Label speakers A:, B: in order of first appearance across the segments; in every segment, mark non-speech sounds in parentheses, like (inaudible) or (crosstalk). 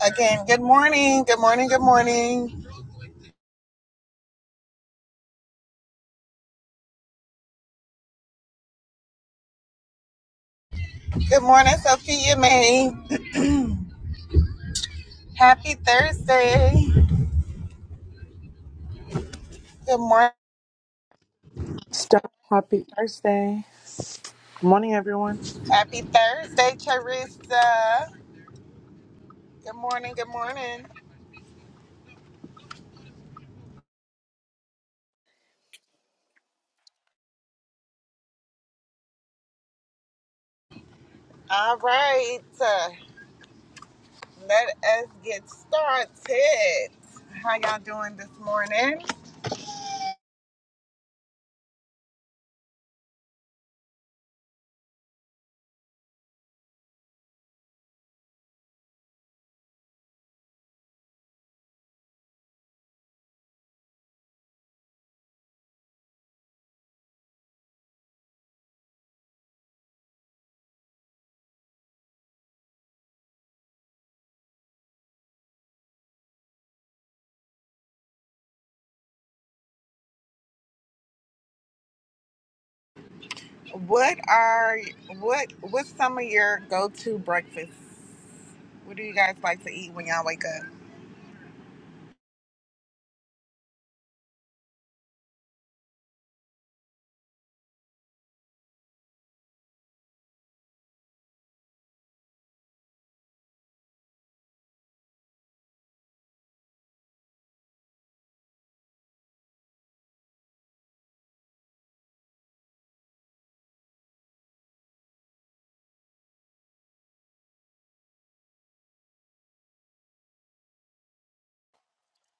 A: Again, good morning, good morning, good morning. Good morning, Sophia May. Happy Thursday. Good morning.
B: Stop. Happy Thursday. Good morning, everyone.
A: Happy Thursday, Charissa. Good morning, good morning. All right, uh, let us get started. How y'all doing this morning? What are what what's some of your go-to breakfasts? What do you guys like to eat when y'all wake up?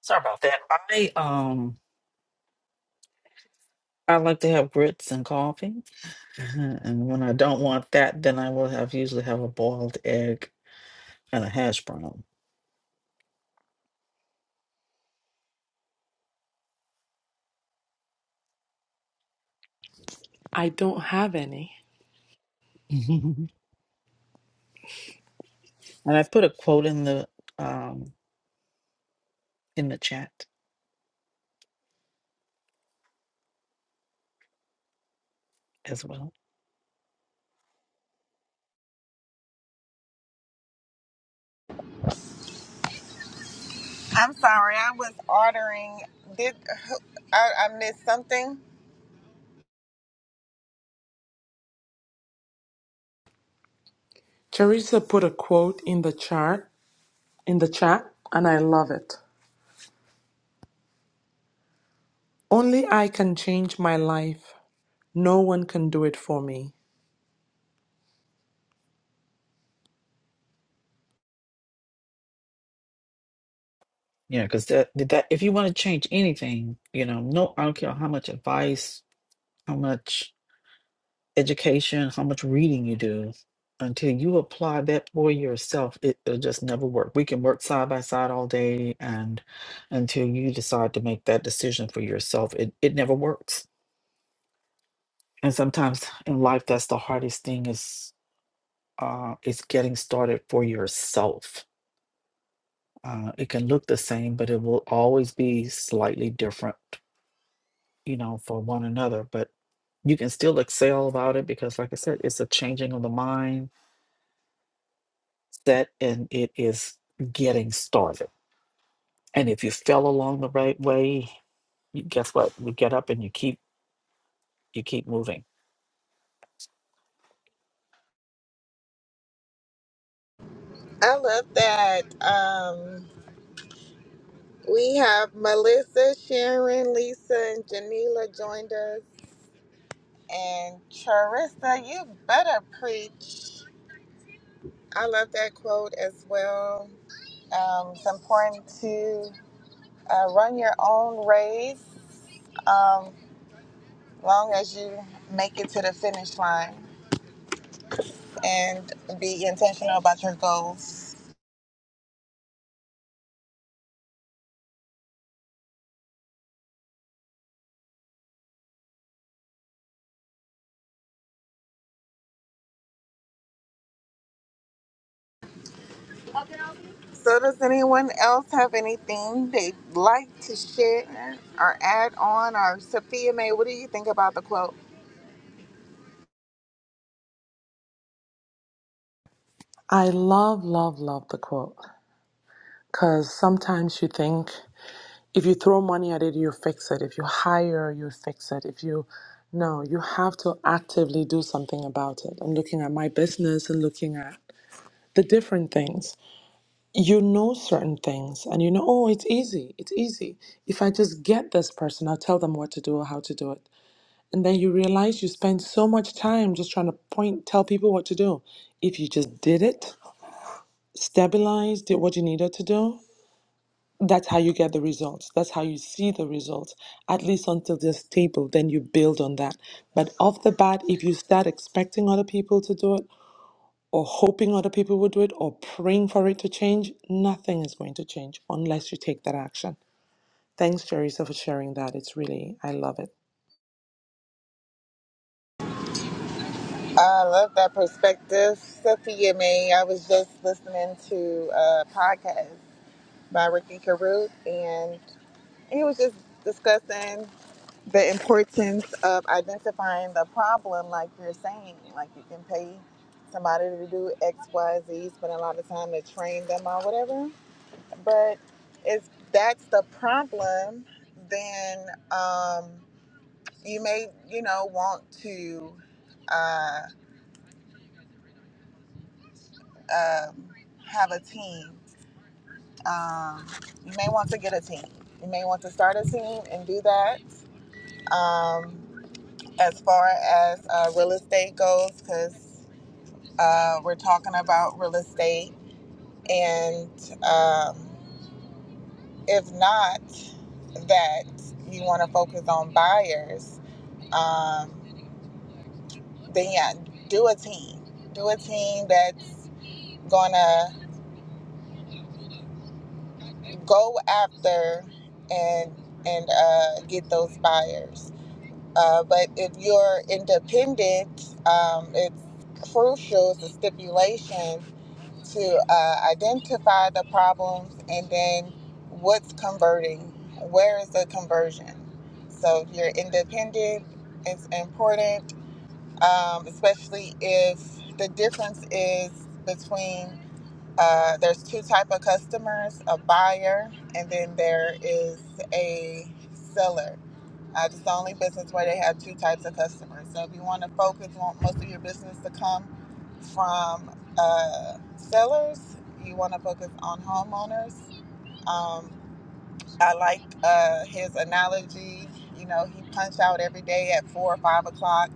C: Sorry about that. I um I like to have grits and coffee. Mhm. And when I don't want that, then I will have usually have a boiled egg and a hash brown.
B: I don't have any.
C: (laughs) and I put a quote in the um in the chat as well.
A: I'm sorry, I was ordering. Did I, I missed something?
B: Teresa put a quote in the chart, in the chat, and I love it. Only I can change my life. No one can do it for me.
C: Yeah, because that that if you want to change anything, you know, no I don't care how much advice, how much education, how much reading you do, until you apply that for yourself, it, it'll just never work. We can work side by side all day, and until you decide to make that decision for yourself, it, it never works. And sometimes in life, that's the hardest thing is uh, is getting started for yourself. Uh, it can look the same, but it will always be slightly different, you know, for one another. But you can still excel about it because, like I said, it's a changing of the mind set and it is getting started. And if you fell along the right way, you, guess what? You get up and you keep you keep moving.
A: I love that. Um, we have Melissa, Sharon, Lisa, and Janila joined us. And Charissa, you better preach. I love that quote as well. Um, it's important to uh, run your own race um, long as you make it to the finish line and be intentional about your goals. So does anyone else have anything they'd like to share or add on? Or Sophia May, what do you think about the quote?
B: I love, love, love the quote. Because sometimes you think if you throw money at it, you fix it. If you hire, you fix it. If you, no, you have to actively do something about it. I'm looking at my business and looking at the different things. you know certain things and you know, oh, it's easy. It's easy. If I just get this person, I'll tell them what to do or how to do it. And then you realize you spend so much time just trying to point, tell people what to do. If you just did it, stabilized, did what you needed to do, that's how you get the results. That's how you see the results, at least until they're stable. Then you build on that. But off the bat, if you start expecting other people to do it, or hoping other people will do it or praying for it to change, nothing is going to change unless you take that action. Thanks, Jerisa, for sharing that. It's really, I love it.
A: I love that perspective, Sophia May. I was just listening to a podcast by Ricky Carruth, and he was just discussing the importance of identifying the problem, like you're saying. Like you can pay somebody to do X, Y, Z's, but a lot of time to train them or whatever But if that's the problem, then um, you may, you know, want to uh, um, have a team. Um, you may want to get a team. You may want to start a team and do that. Um, as far as uh, real estate goes, because uh, we're talking about real estate, and um, if not, that you want to focus on buyers. Um, then yeah, do a team. Do a team that's gonna go after and and uh, get those buyers. Uh, but if you're independent, um, it's crucial. It's a stipulation to uh, identify the problems and then what's converting. Where is the conversion? So if you're independent, it's important, um, especially if the difference is between Uh, there's two type of customers: a buyer, and then there is a seller. Uh, it's the only business where they have two types of customers. So if you want to focus, want most of your business to come from uh, sellers. You want to focus on homeowners. Um, I liked uh, his analogy. You know, he punched out every day at four or five o'clock,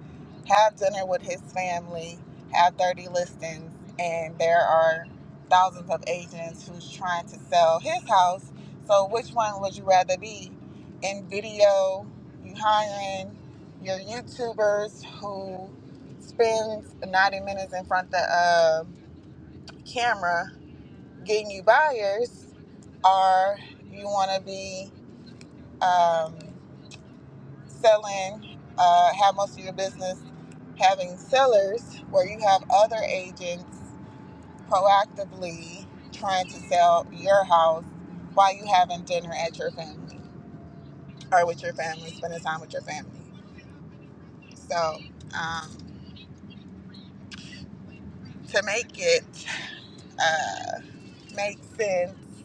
A: have dinner with his family, have 30 listings, and there are thousands of agents who's trying to sell his house. So, which one would you rather be? In video, you hiring your YouTubers who spends 90 minutes in front of the uh, camera getting you buyers, or you want to be um, selling, uh, have most of your business having sellers where you have other agents proactively trying to sell your house while you having dinner at your family or with your family, spending time with your family. So um, to make it uh, make sense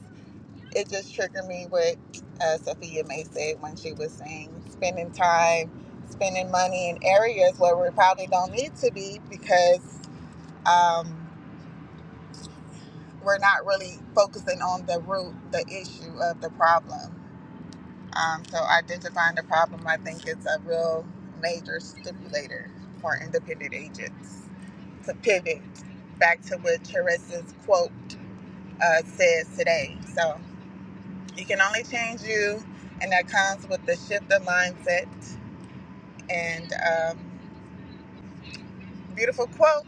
A: it just triggered me what uh, Sophia May said when she was saying spending time, spending money in areas where we probably don't need to be because um, we're not really focusing on the root, the issue of the problem. Um, so identifying the problem, I think, is a real major stimulator for independent agents to pivot back to what Teresa's quote uh, says today. So You can only change you, and that comes with the shift of mindset and um, beautiful quote.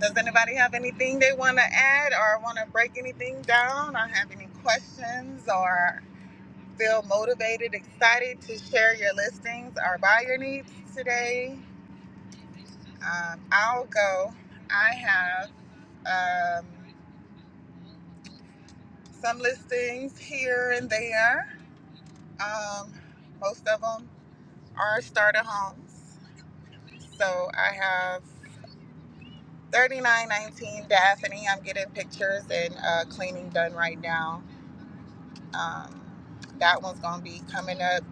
A: Does anybody have anything they want to add or want to break anything down or have any questions or feel motivated, excited to share your listings or buy your needs today? Um, I'll go. I have um, some listings here and there. Um, most of them are starter homes. So I have 3919 Daphne. I'm getting pictures and uh, cleaning done right now. Um, that one's going to be coming up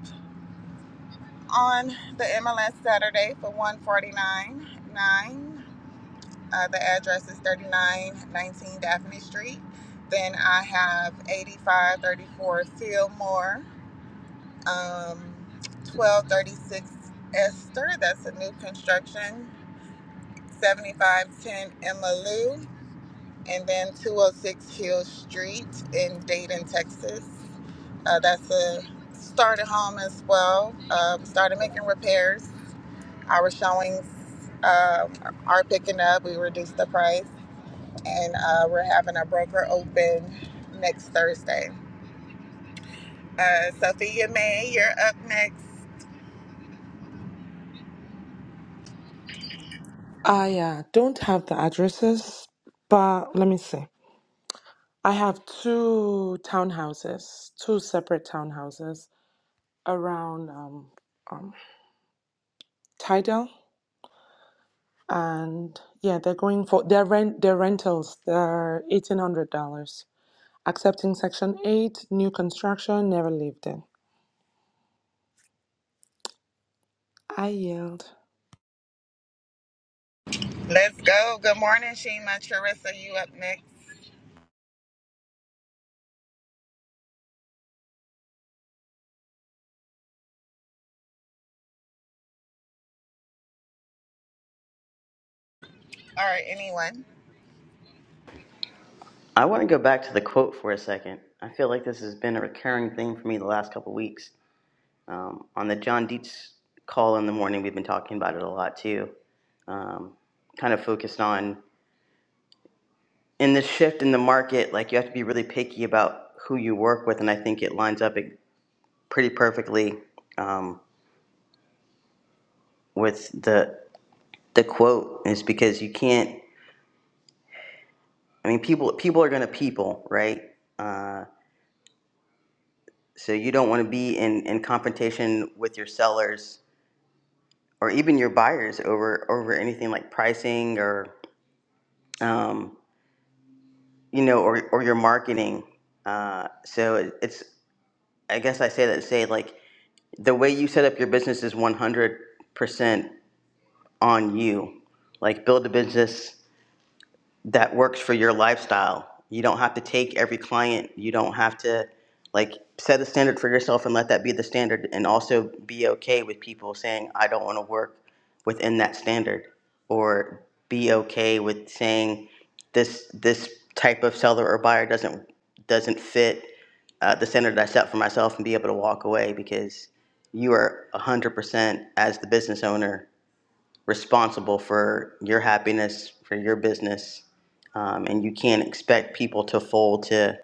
A: on the MLS Saturday for 149.9. Uh, the address is 3919 Daphne Street. Then I have 8534 Fillmore, um, 1236 Esther. That's a new construction. 7510 Emma Lou, and then 206 Hill Street in Dayton, Texas. Uh, that's a started home as well. Um, started making repairs. Our showings uh, are picking up. We reduced the price, and uh, we're having a broker open next Thursday. Uh, Sophia May, you're up next.
B: I uh, don't have the addresses, but let me see. I have two townhouses, two separate townhouses around um, um, Tidal, and yeah, they're going for their rent. Their rentals they're eighteen hundred dollars. Accepting Section Eight, new construction, never lived in. I yield.
A: Let's go. Good morning, Shima. Charissa, you up next. All right, anyone.
D: I want to go back to the quote for a second. I feel like this has been a recurring thing for me the last couple of weeks. Um, on the John Dietz call in the morning, we've been talking about it a lot too. Um, kind of focused on in this shift in the market, like you have to be really picky about who you work with, and I think it lines up pretty perfectly um, with the the quote. Is because you can't. I mean, people people are going to people, right? Uh, so you don't want to be in in confrontation with your sellers or even your buyers over over anything like pricing or um, you know or or your marketing. Uh, so it, it's I guess I say that to say like the way you set up your business is one hundred percent on you. Like build a business that works for your lifestyle. You don't have to take every client. You don't have to like set a standard for yourself and let that be the standard and also be okay with people saying I don't want to work within that standard or be okay with saying this this type of seller or buyer doesn't doesn't fit uh, the standard that I set for myself and be able to walk away because you are 100% as the business owner responsible for your happiness, for your business, um, and you can't expect people to fold to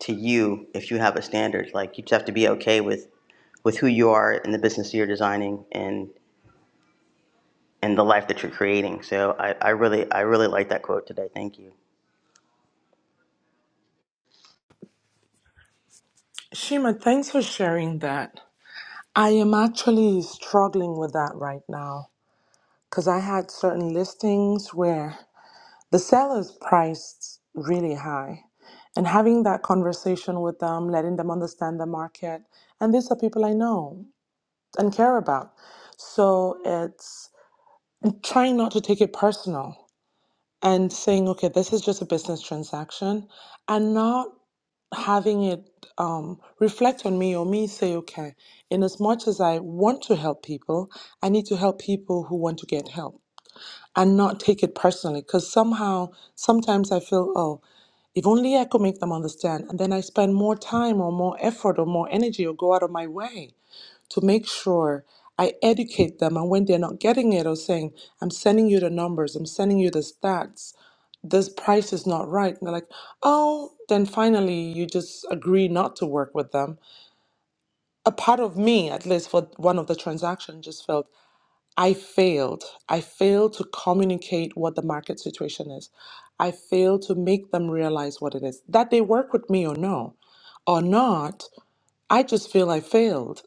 D: to you if you have a standard. Like you just have to be okay with with who you are and the business you're designing and and the life that you're creating. So I, I really I really like that quote today. Thank you.
B: Shima, thanks for sharing that. I am actually struggling with that right now because I had certain listings where the sellers priced really high. And having that conversation with them, letting them understand the market. And these are people I know and care about. So it's trying not to take it personal and saying, okay, this is just a business transaction and not having it um, reflect on me or me say, okay, in as much as I want to help people, I need to help people who want to get help and not take it personally. Because somehow, sometimes I feel, oh, if only I could make them understand. And then I spend more time or more effort or more energy or go out of my way to make sure I educate them. And when they're not getting it or saying, I'm sending you the numbers, I'm sending you the stats, this price is not right. And they're like, oh, then finally you just agree not to work with them. A part of me, at least for one of the transactions, just felt I failed. I failed to communicate what the market situation is. I failed to make them realize what it is. That they work with me or no, or not, I just feel I failed.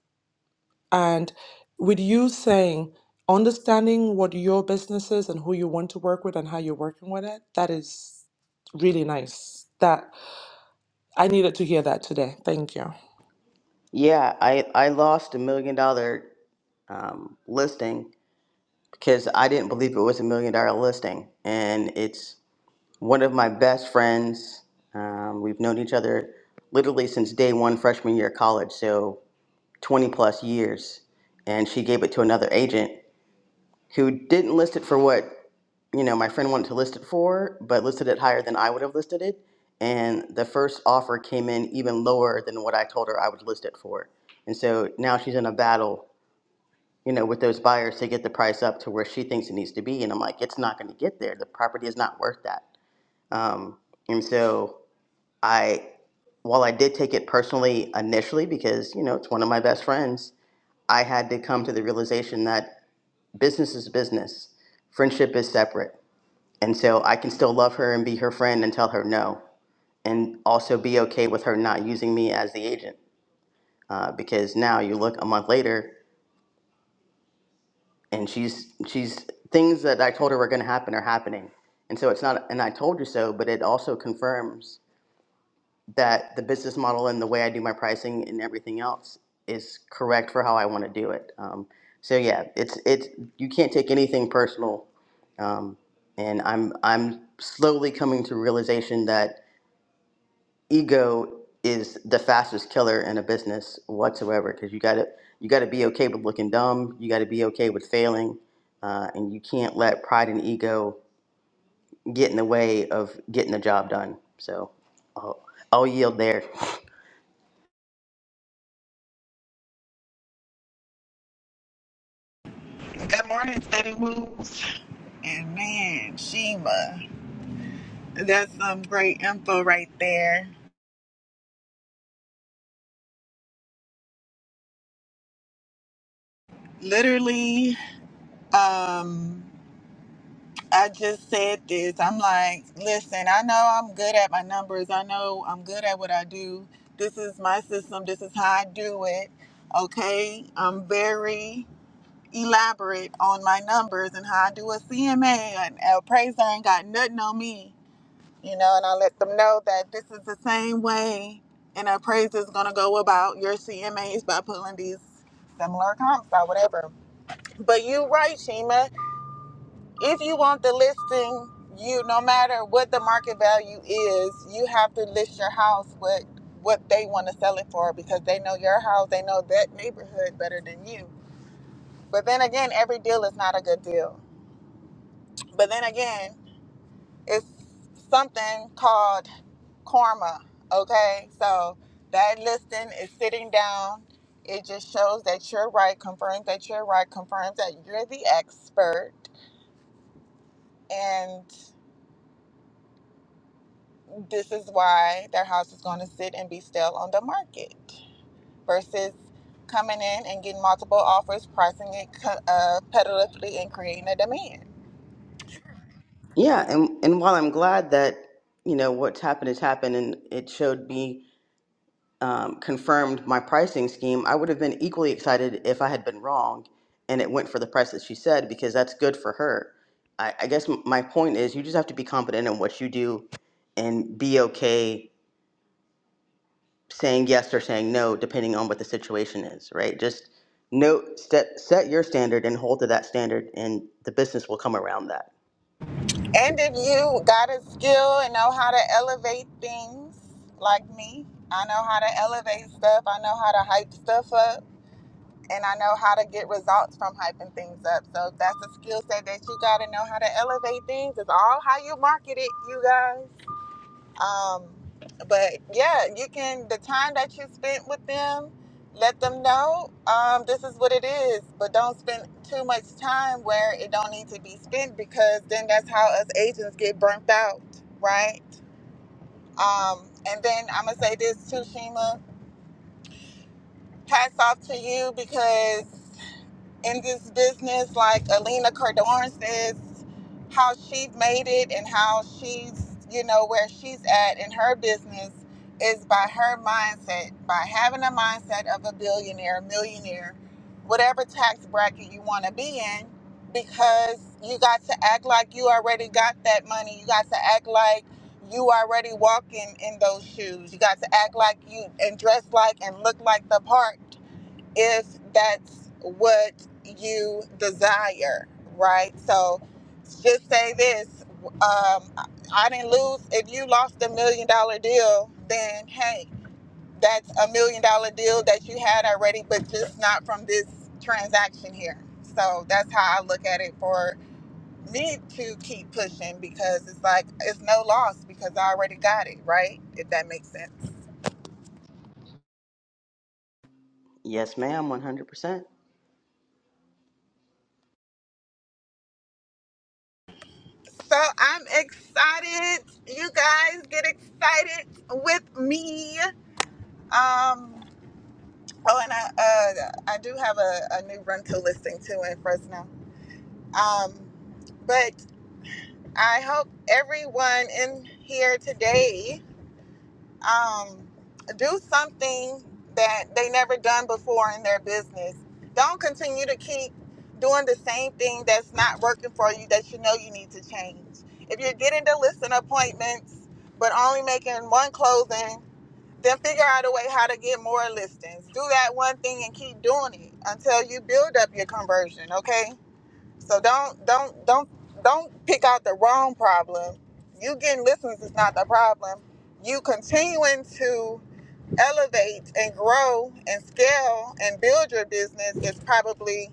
B: And with you saying, understanding what your business is and who you want to work with and how you're working with it, that is really nice. That I needed to hear that today. Thank you.
D: Yeah, I I lost a million dollar um, listing because I didn't believe it was a million dollar listing, and it's one of my best friends. Um, we've known each other literally since day one, freshman year of college, so 20 plus years. And she gave it to another agent who didn't list it for what you know my friend wanted to list it for, but listed it higher than I would have listed it. And the first offer came in even lower than what I told her I would list it for. And so now she's in a battle, you know, with those buyers to get the price up to where she thinks it needs to be. And I'm like, it's not going to get there. The property is not worth that. Um, and so I, while I did take it personally initially because, you know, it's one of my best friends, I had to come to the realization that business is business, friendship is separate. And so I can still love her and be her friend and tell her no, and also be okay with her not using me as the agent. Uh, because now you look a month later and she's, she's, things that I told her were going to happen are happening. And so it's not, and I told you so, but it also confirms that the business model and the way I do my pricing and everything else is correct for how I want to do it. Um, so yeah, it's it's you can't take anything personal, um, and I'm I'm slowly coming to realization that ego is the fastest killer in a business whatsoever because you gotta you gotta be okay with looking dumb, you gotta be okay with failing, uh, and you can't let pride and ego get in the way of getting the job done. So I'll, I'll yield there.
A: Good morning, Steady Moves. And man, Shima. That's some great info right there. Literally, um, I just said this. I'm like, listen, I know I'm good at my numbers. I know I'm good at what I do. This is my system. This is how I do it. Okay. I'm very elaborate on my numbers and how I do a CMA. An appraiser ain't got nothing on me you know, and I let them know that this is the same way and our praise is gonna go about your CMAs by pulling these similar comps or whatever. But you right, Shima. If you want the listing, you no matter what the market value is, you have to list your house what what they want to sell it for because they know your house, they know that neighborhood better than you. But then again, every deal is not a good deal. But then again, it's something called karma. Okay, so that listing is sitting down. It just shows that you're right, confirms that you're right, confirms that you're the expert, and this is why their house is going to sit and be still on the market versus coming in and getting multiple offers, pricing it co- uh, competitively, and creating a demand.
D: Yeah, and and while I'm glad that you know what's happened has happened, and it showed me um, confirmed my pricing scheme, I would have been equally excited if I had been wrong, and it went for the price that she said because that's good for her. I, I guess m- my point is you just have to be confident in what you do, and be okay saying yes or saying no depending on what the situation is. Right? Just know set set your standard and hold to that standard, and the business will come around that.
A: And if you got a skill and know how to elevate things like me, I know how to elevate stuff, I know how to hype stuff up, and I know how to get results from hyping things up. So if that's a skill set that you got to know how to elevate things, it's all how you market it, you guys. Um, but yeah, you can the time that you spent with them, let them know um, this is what it is. But don't spend too much time where it don't need to be spent because then that's how us agents get burnt out, right? Um, and then I'm gonna say this too, Shima. Hats off to you because in this business, like Alina Cardone says, how she made it and how she's, you know, where she's at in her business is by her mindset, by having a mindset of a billionaire, millionaire, whatever tax bracket you want to be in, because you got to act like you already got that money. You got to act like you already walking in those shoes. You got to act like you and dress like and look like the part if that's what you desire, right? So just say this um, I I didn't lose. If you lost a million dollar deal, then hey, that's a million dollar deal that you had already, but just not from this transaction here. So that's how I look at it for me to keep pushing because it's like it's no loss because I already got it, right? If that makes sense.
D: Yes, ma'am, one hundred percent.
A: So I'm excited. You guys get excited with me. Um, oh, and I, uh, I do have a, a new rental listing too in Fresno. Um, but I hope everyone in here today. um, do something that they never done before in their business. Don't continue to keep doing the same thing that's not working for you that you know you need to change. If you're getting to listing appointments but only making one closing, then figure out a way how to get more listings. Do that one thing and keep doing it until you build up your conversion, okay? So don't don't don't don't pick out the wrong problem. You getting listeners is not the problem. You continuing to elevate and grow and scale and build your business is probably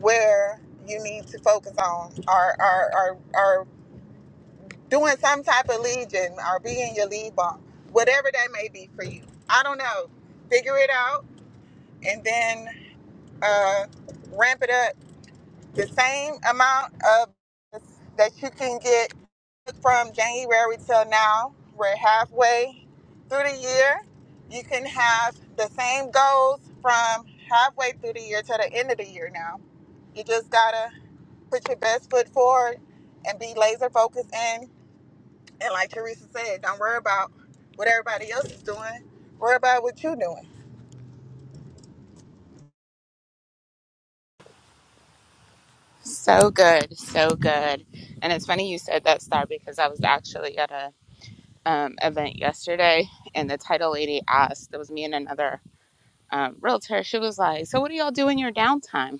A: where you need to focus on or or or, or doing some type of lead gen or being your lead bomb. Whatever that may be for you. I don't know. Figure it out and then uh, ramp it up the same amount of that you can get from January till now. We're halfway through the year. You can have the same goals from halfway through the year to the end of the year now. You just gotta put your best foot forward and be laser focused in. And like Teresa said, don't worry about what everybody else is doing. Worry about what you're doing.
E: So good, so good. And it's funny you said that, Star, because I was actually at a um, event yesterday, and the title lady asked. It was me and another um, realtor. She was like, "So what do y'all do in your downtime,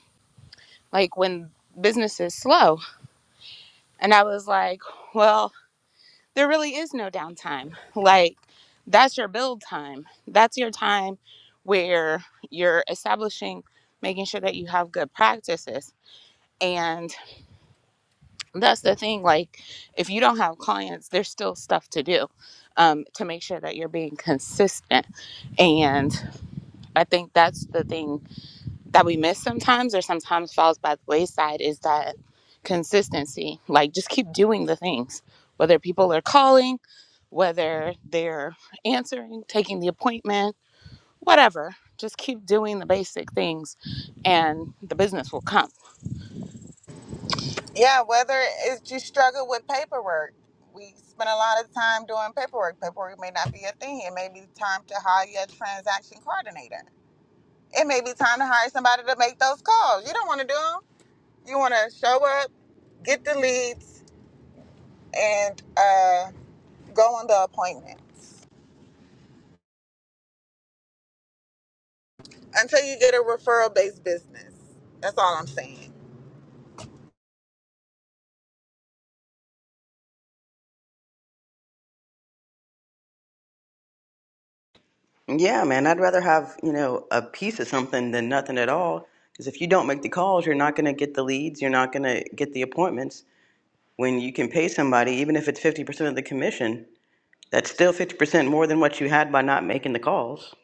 E: like when business is slow?" And I was like, "Well, there really is no downtime. Like that's your build time. That's your time where you're establishing, making sure that you have good practices." that's the thing like if you don't have clients there's still stuff to do um, to make sure that you're being consistent and i think that's the thing that we miss sometimes or sometimes falls by the wayside is that consistency like just keep doing the things whether people are calling whether they're answering taking the appointment whatever just keep doing the basic things and the business will come
A: Yeah, whether it's you struggle with paperwork. We spend a lot of time doing paperwork. Paperwork may not be a thing. It may be time to hire a transaction coordinator. It may be time to hire somebody to make those calls. You don't want to do them. You want to show up, get the leads, and uh, go on the appointments until you get a referral based business. That's all I'm saying.
D: Yeah, man, I'd rather have, you know, a piece of something than nothing at all. Because if you don't make the calls, you're not going to get the leads, you're not going to get the appointments. When you can pay somebody, even if it's 50% of the commission, that's still 50% more than what you had by not making the calls.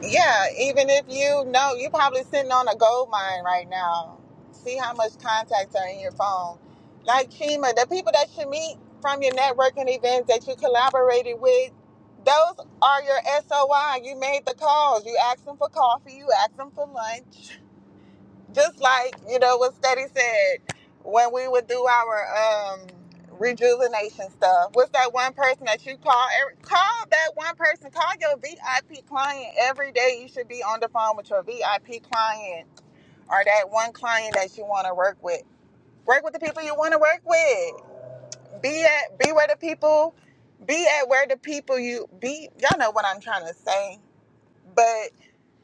A: Yeah, even if you know, you're probably sitting on a gold mine right now. See how much contacts are in your phone. Like Chima, the people that you meet from your networking events that you collaborated with, those are your SOI. You made the calls. You asked them for coffee. You asked them for lunch just like you know what Steady said when we would do our um rejuvenation stuff. What's that one person that you call? every- Call that one person. Call your VIP client every day. You should be on the phone with your VIP client or that one client that you want to work with. Work with the people you want to work with. Be at be where the people. Be at where the people you be. Y'all know what I'm trying to say. but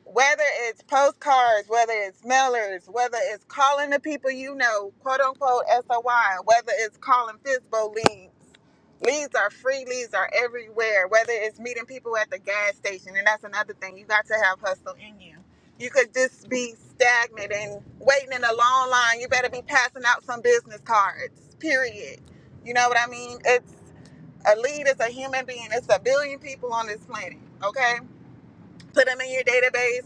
A: whether it's postcards, whether it's mailers, whether it's calling the people you know, quote unquote SOY, whether it's calling FISBO leads. Leads are free, leads are everywhere, whether it's meeting people at the gas station. And that's another thing. You got to have hustle in you. You could just be stagnant and waiting in a long line. You better be passing out some business cards, period. You know what I mean? It's a lead is a human being. It's a billion people on this planet, okay? Put them in your database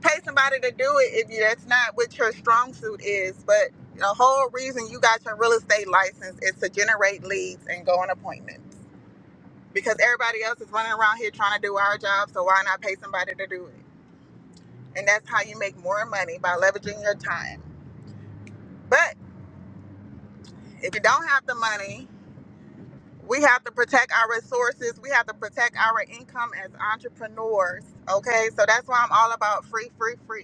A: pay somebody to do it if you, that's not what your strong suit is. But the whole reason you got your real estate license is to generate leads and go on appointments because everybody else is running around here trying to do our job. So why not pay somebody to do it? And that's how you make more money by leveraging your time. But if you don't have the money, we have to protect our resources. We have to protect our income as entrepreneurs. Okay, so that's why I'm all about free, free, free.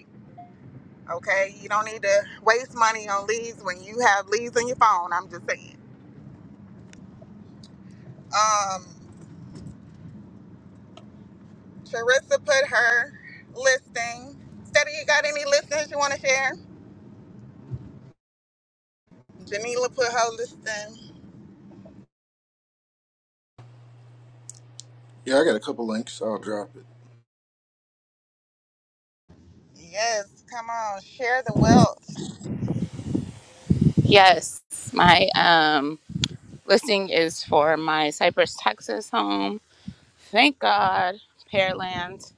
A: Okay, you don't need to waste money on leads when you have leads on your phone. I'm just saying. Um, Charissa put her listing. Steady, you got any listings you want to share? Janila put her listing.
F: Yeah, I got a couple links. I'll drop it.
A: Yes, come on, share the wealth.
E: yes my um listing is for my Cypress, Texas home. Thank God Pearland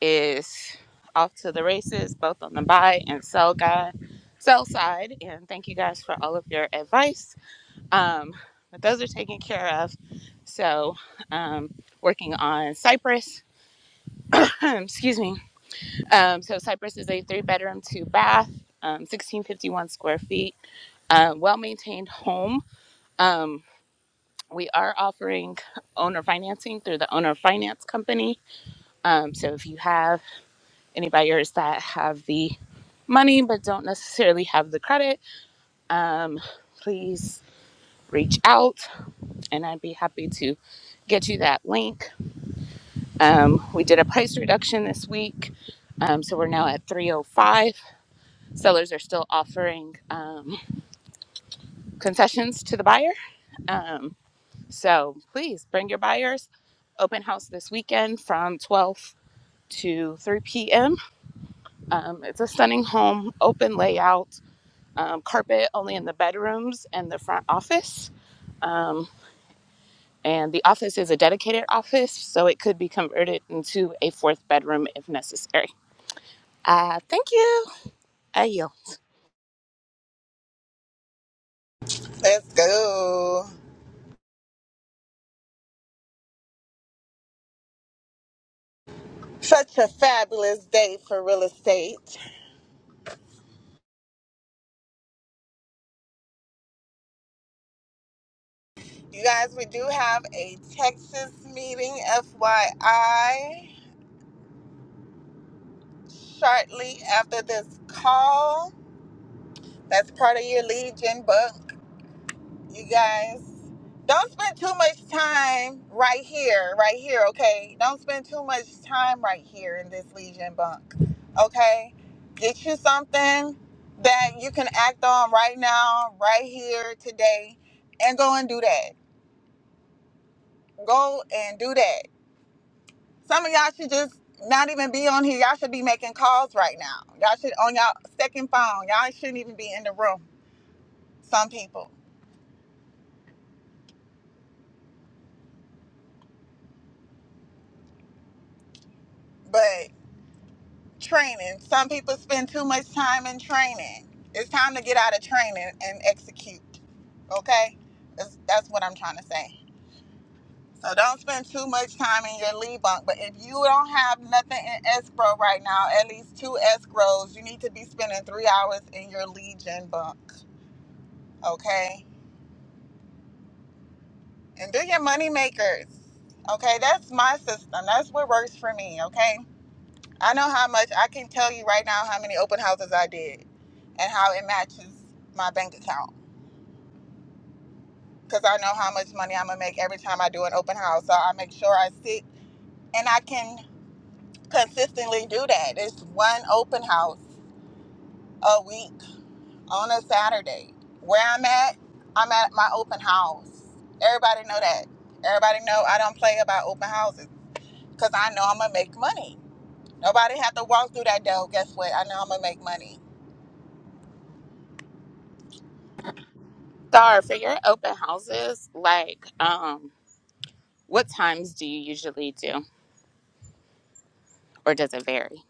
E: is off to the races, both on the buy and sell guy, sell side. And thank you guys for all of your advice. Um, but those are taken care of. So um, working on Cypress. (clears throat) Excuse me. Um, so Cypress is a three bedroom, two bath, um, 1651 square feet, uh, well maintained home. Um, we are offering owner financing through the owner finance company. Um, so if you have any buyers that have the money but don't necessarily have the credit, um, please reach out and I'd be happy to get you that link. Um, we did a price reduction this week. Um, so we're now at 305. Sellers are still offering um, concessions to the buyer. Um, so please bring your buyers open house this weekend from 12 to 3 p.m. Um, it's a stunning home, open layout, um, carpet only in the bedrooms and the front office. Um, and the office is a dedicated office, so it could be converted into a fourth bedroom if necessary. Uh, thank you. I
A: Let's go. Such a fabulous day for real estate. You guys, we do have a Texas meeting, FYI, shortly after this call. That's part of your lead gen book. you guys don't spend too much time right here right here okay don't spend too much time right here in this legion bunk okay get you something that you can act on right now right here today and go and do that go and do that some of y'all should just not even be on here y'all should be making calls right now y'all should on y'all second phone y'all shouldn't even be in the room some people but. Training. Some people spend too much time in training. It's time to get out of training and execute. Okay, that's, that's what I'm trying to say. So don't spend too much time in your lead bunk. But if you don't have nothing in escrow right now, at least two escrows, you need to be spending three hours in your legion bunk. Okay, and do your money makers. Okay, that's my system. That's what works for me. Okay. I know how much I can tell you right now how many open houses I did and how it matches my bank account because I know how much money I'm gonna make every time I do an open house. So I make sure I sit and I can consistently do that. It's one open house a week on a Saturday. Where I'm at, I'm at my open house. Everybody know that. Everybody know I don't play about open houses because I know I'm gonna make money. Nobody have to walk through that door. Guess what? I know I'm gonna make money.
E: Star, for your open houses, like um, what times do you usually do, or does it vary?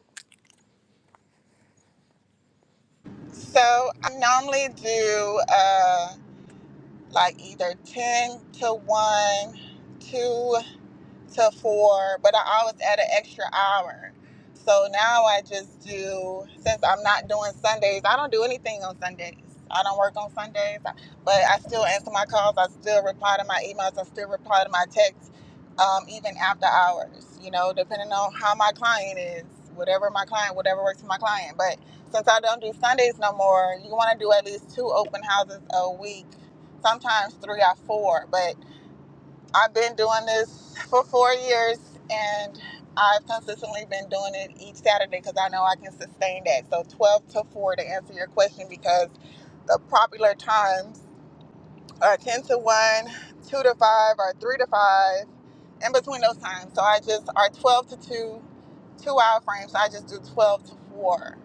A: So I normally do uh, like either 10 to 1, 2 to four, but I always add an extra hour. So now I just do, since I'm not doing Sundays, I don't do anything on Sundays. I don't work on Sundays, but I still answer my calls. I still reply to my emails. I still reply to my texts, um, even after hours, you know, depending on how my client is, whatever my client, whatever works for my client. But since I don't do Sundays no more, you want to do at least two open houses a week, sometimes three or four. But I've been doing this for four years and I've consistently been doing it each Saturday because I know I can sustain that. So 12 to 4 to answer your question because the popular times or 10 to 1, 2 to 5, or 3 to 5, in between those times. So I just, or 12 to 2, two hour frames. So I just do 12 to 4.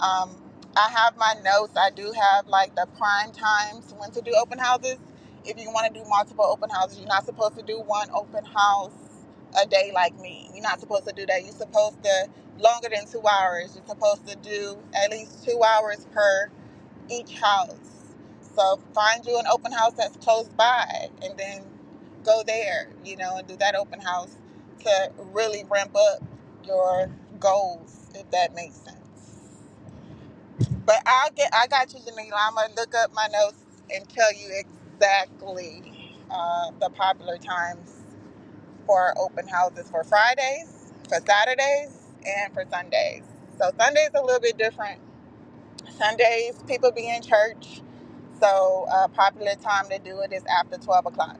A: Um, I have my notes. I do have like the prime times when to do open houses. If you want to do multiple open houses, you're not supposed to do one open house a day like me. You're not supposed to do that. You're supposed to, longer than two hours, you're supposed to do at least two hours per each house. So find you an open house that's close by and then go there, you know, and do that open house to really ramp up your goals, if that makes sense. But I'll get, I got you, Janila. I'm going to look up my notes and tell you exactly uh, the popular times for open houses for Fridays, for Saturdays, and for Sundays. So Sunday's a little bit different Sundays, people be in church, so a popular time to do it is after 12 o'clock.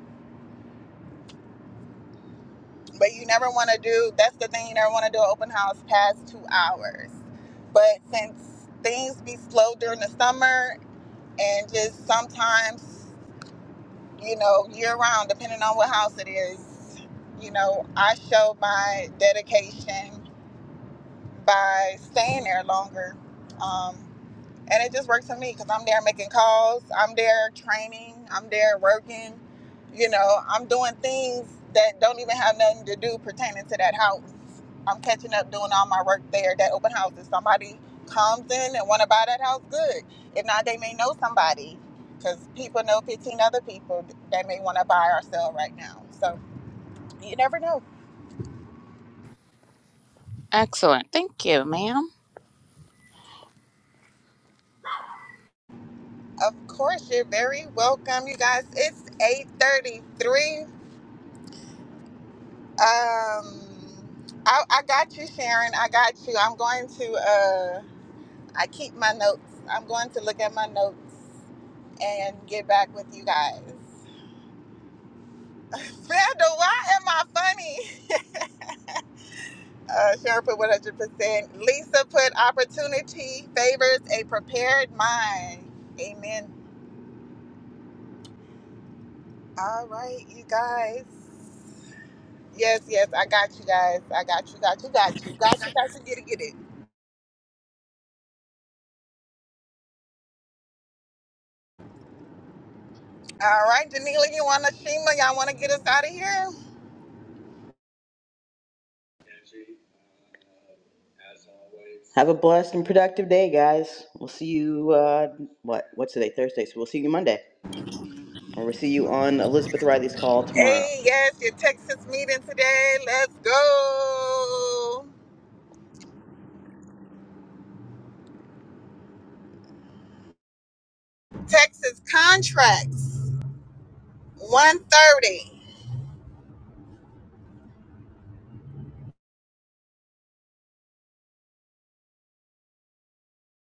A: But you never want to do, that's the thing, you never want to do an open house past two hours. But since things be slow during the summer and just sometimes, you know, year round, depending on what house it is, you know, I show my dedication by staying there longer. Um, and it just works for me because I'm there making calls, I'm there training, I'm there working. You know, I'm doing things that don't even have nothing to do pertaining to that house. I'm catching up doing all my work there. That open house, if somebody comes in and want to buy that house, good. If not, they may know somebody because people know 15 other people that may want to buy or sell right now. So you never know.
E: Excellent. Thank you, ma'am.
A: Of course, you're very welcome, you guys. It's 8:33. Um, I, I got you, Sharon. I got you. I'm going to. Uh, I keep my notes. I'm going to look at my notes and get back with you guys. (laughs) Vanda, why am I funny? Uh, Sharon put 100%. Lisa put opportunity favors a prepared mind. Amen. All right, you guys. Yes, yes, I got you guys. I got you, got you, got you, got you, got you. Get it, get it. All right, Danila, you want to Shima? Y'all want to get us out of here?
D: Have a blessed and productive day, guys. We'll see you, uh, what, what's today? Thursday. So we'll see you Monday. Or we'll see you on Elizabeth Riley's call tomorrow.
A: Hey, yes, your Texas meeting today. Let's go. Texas contracts 130.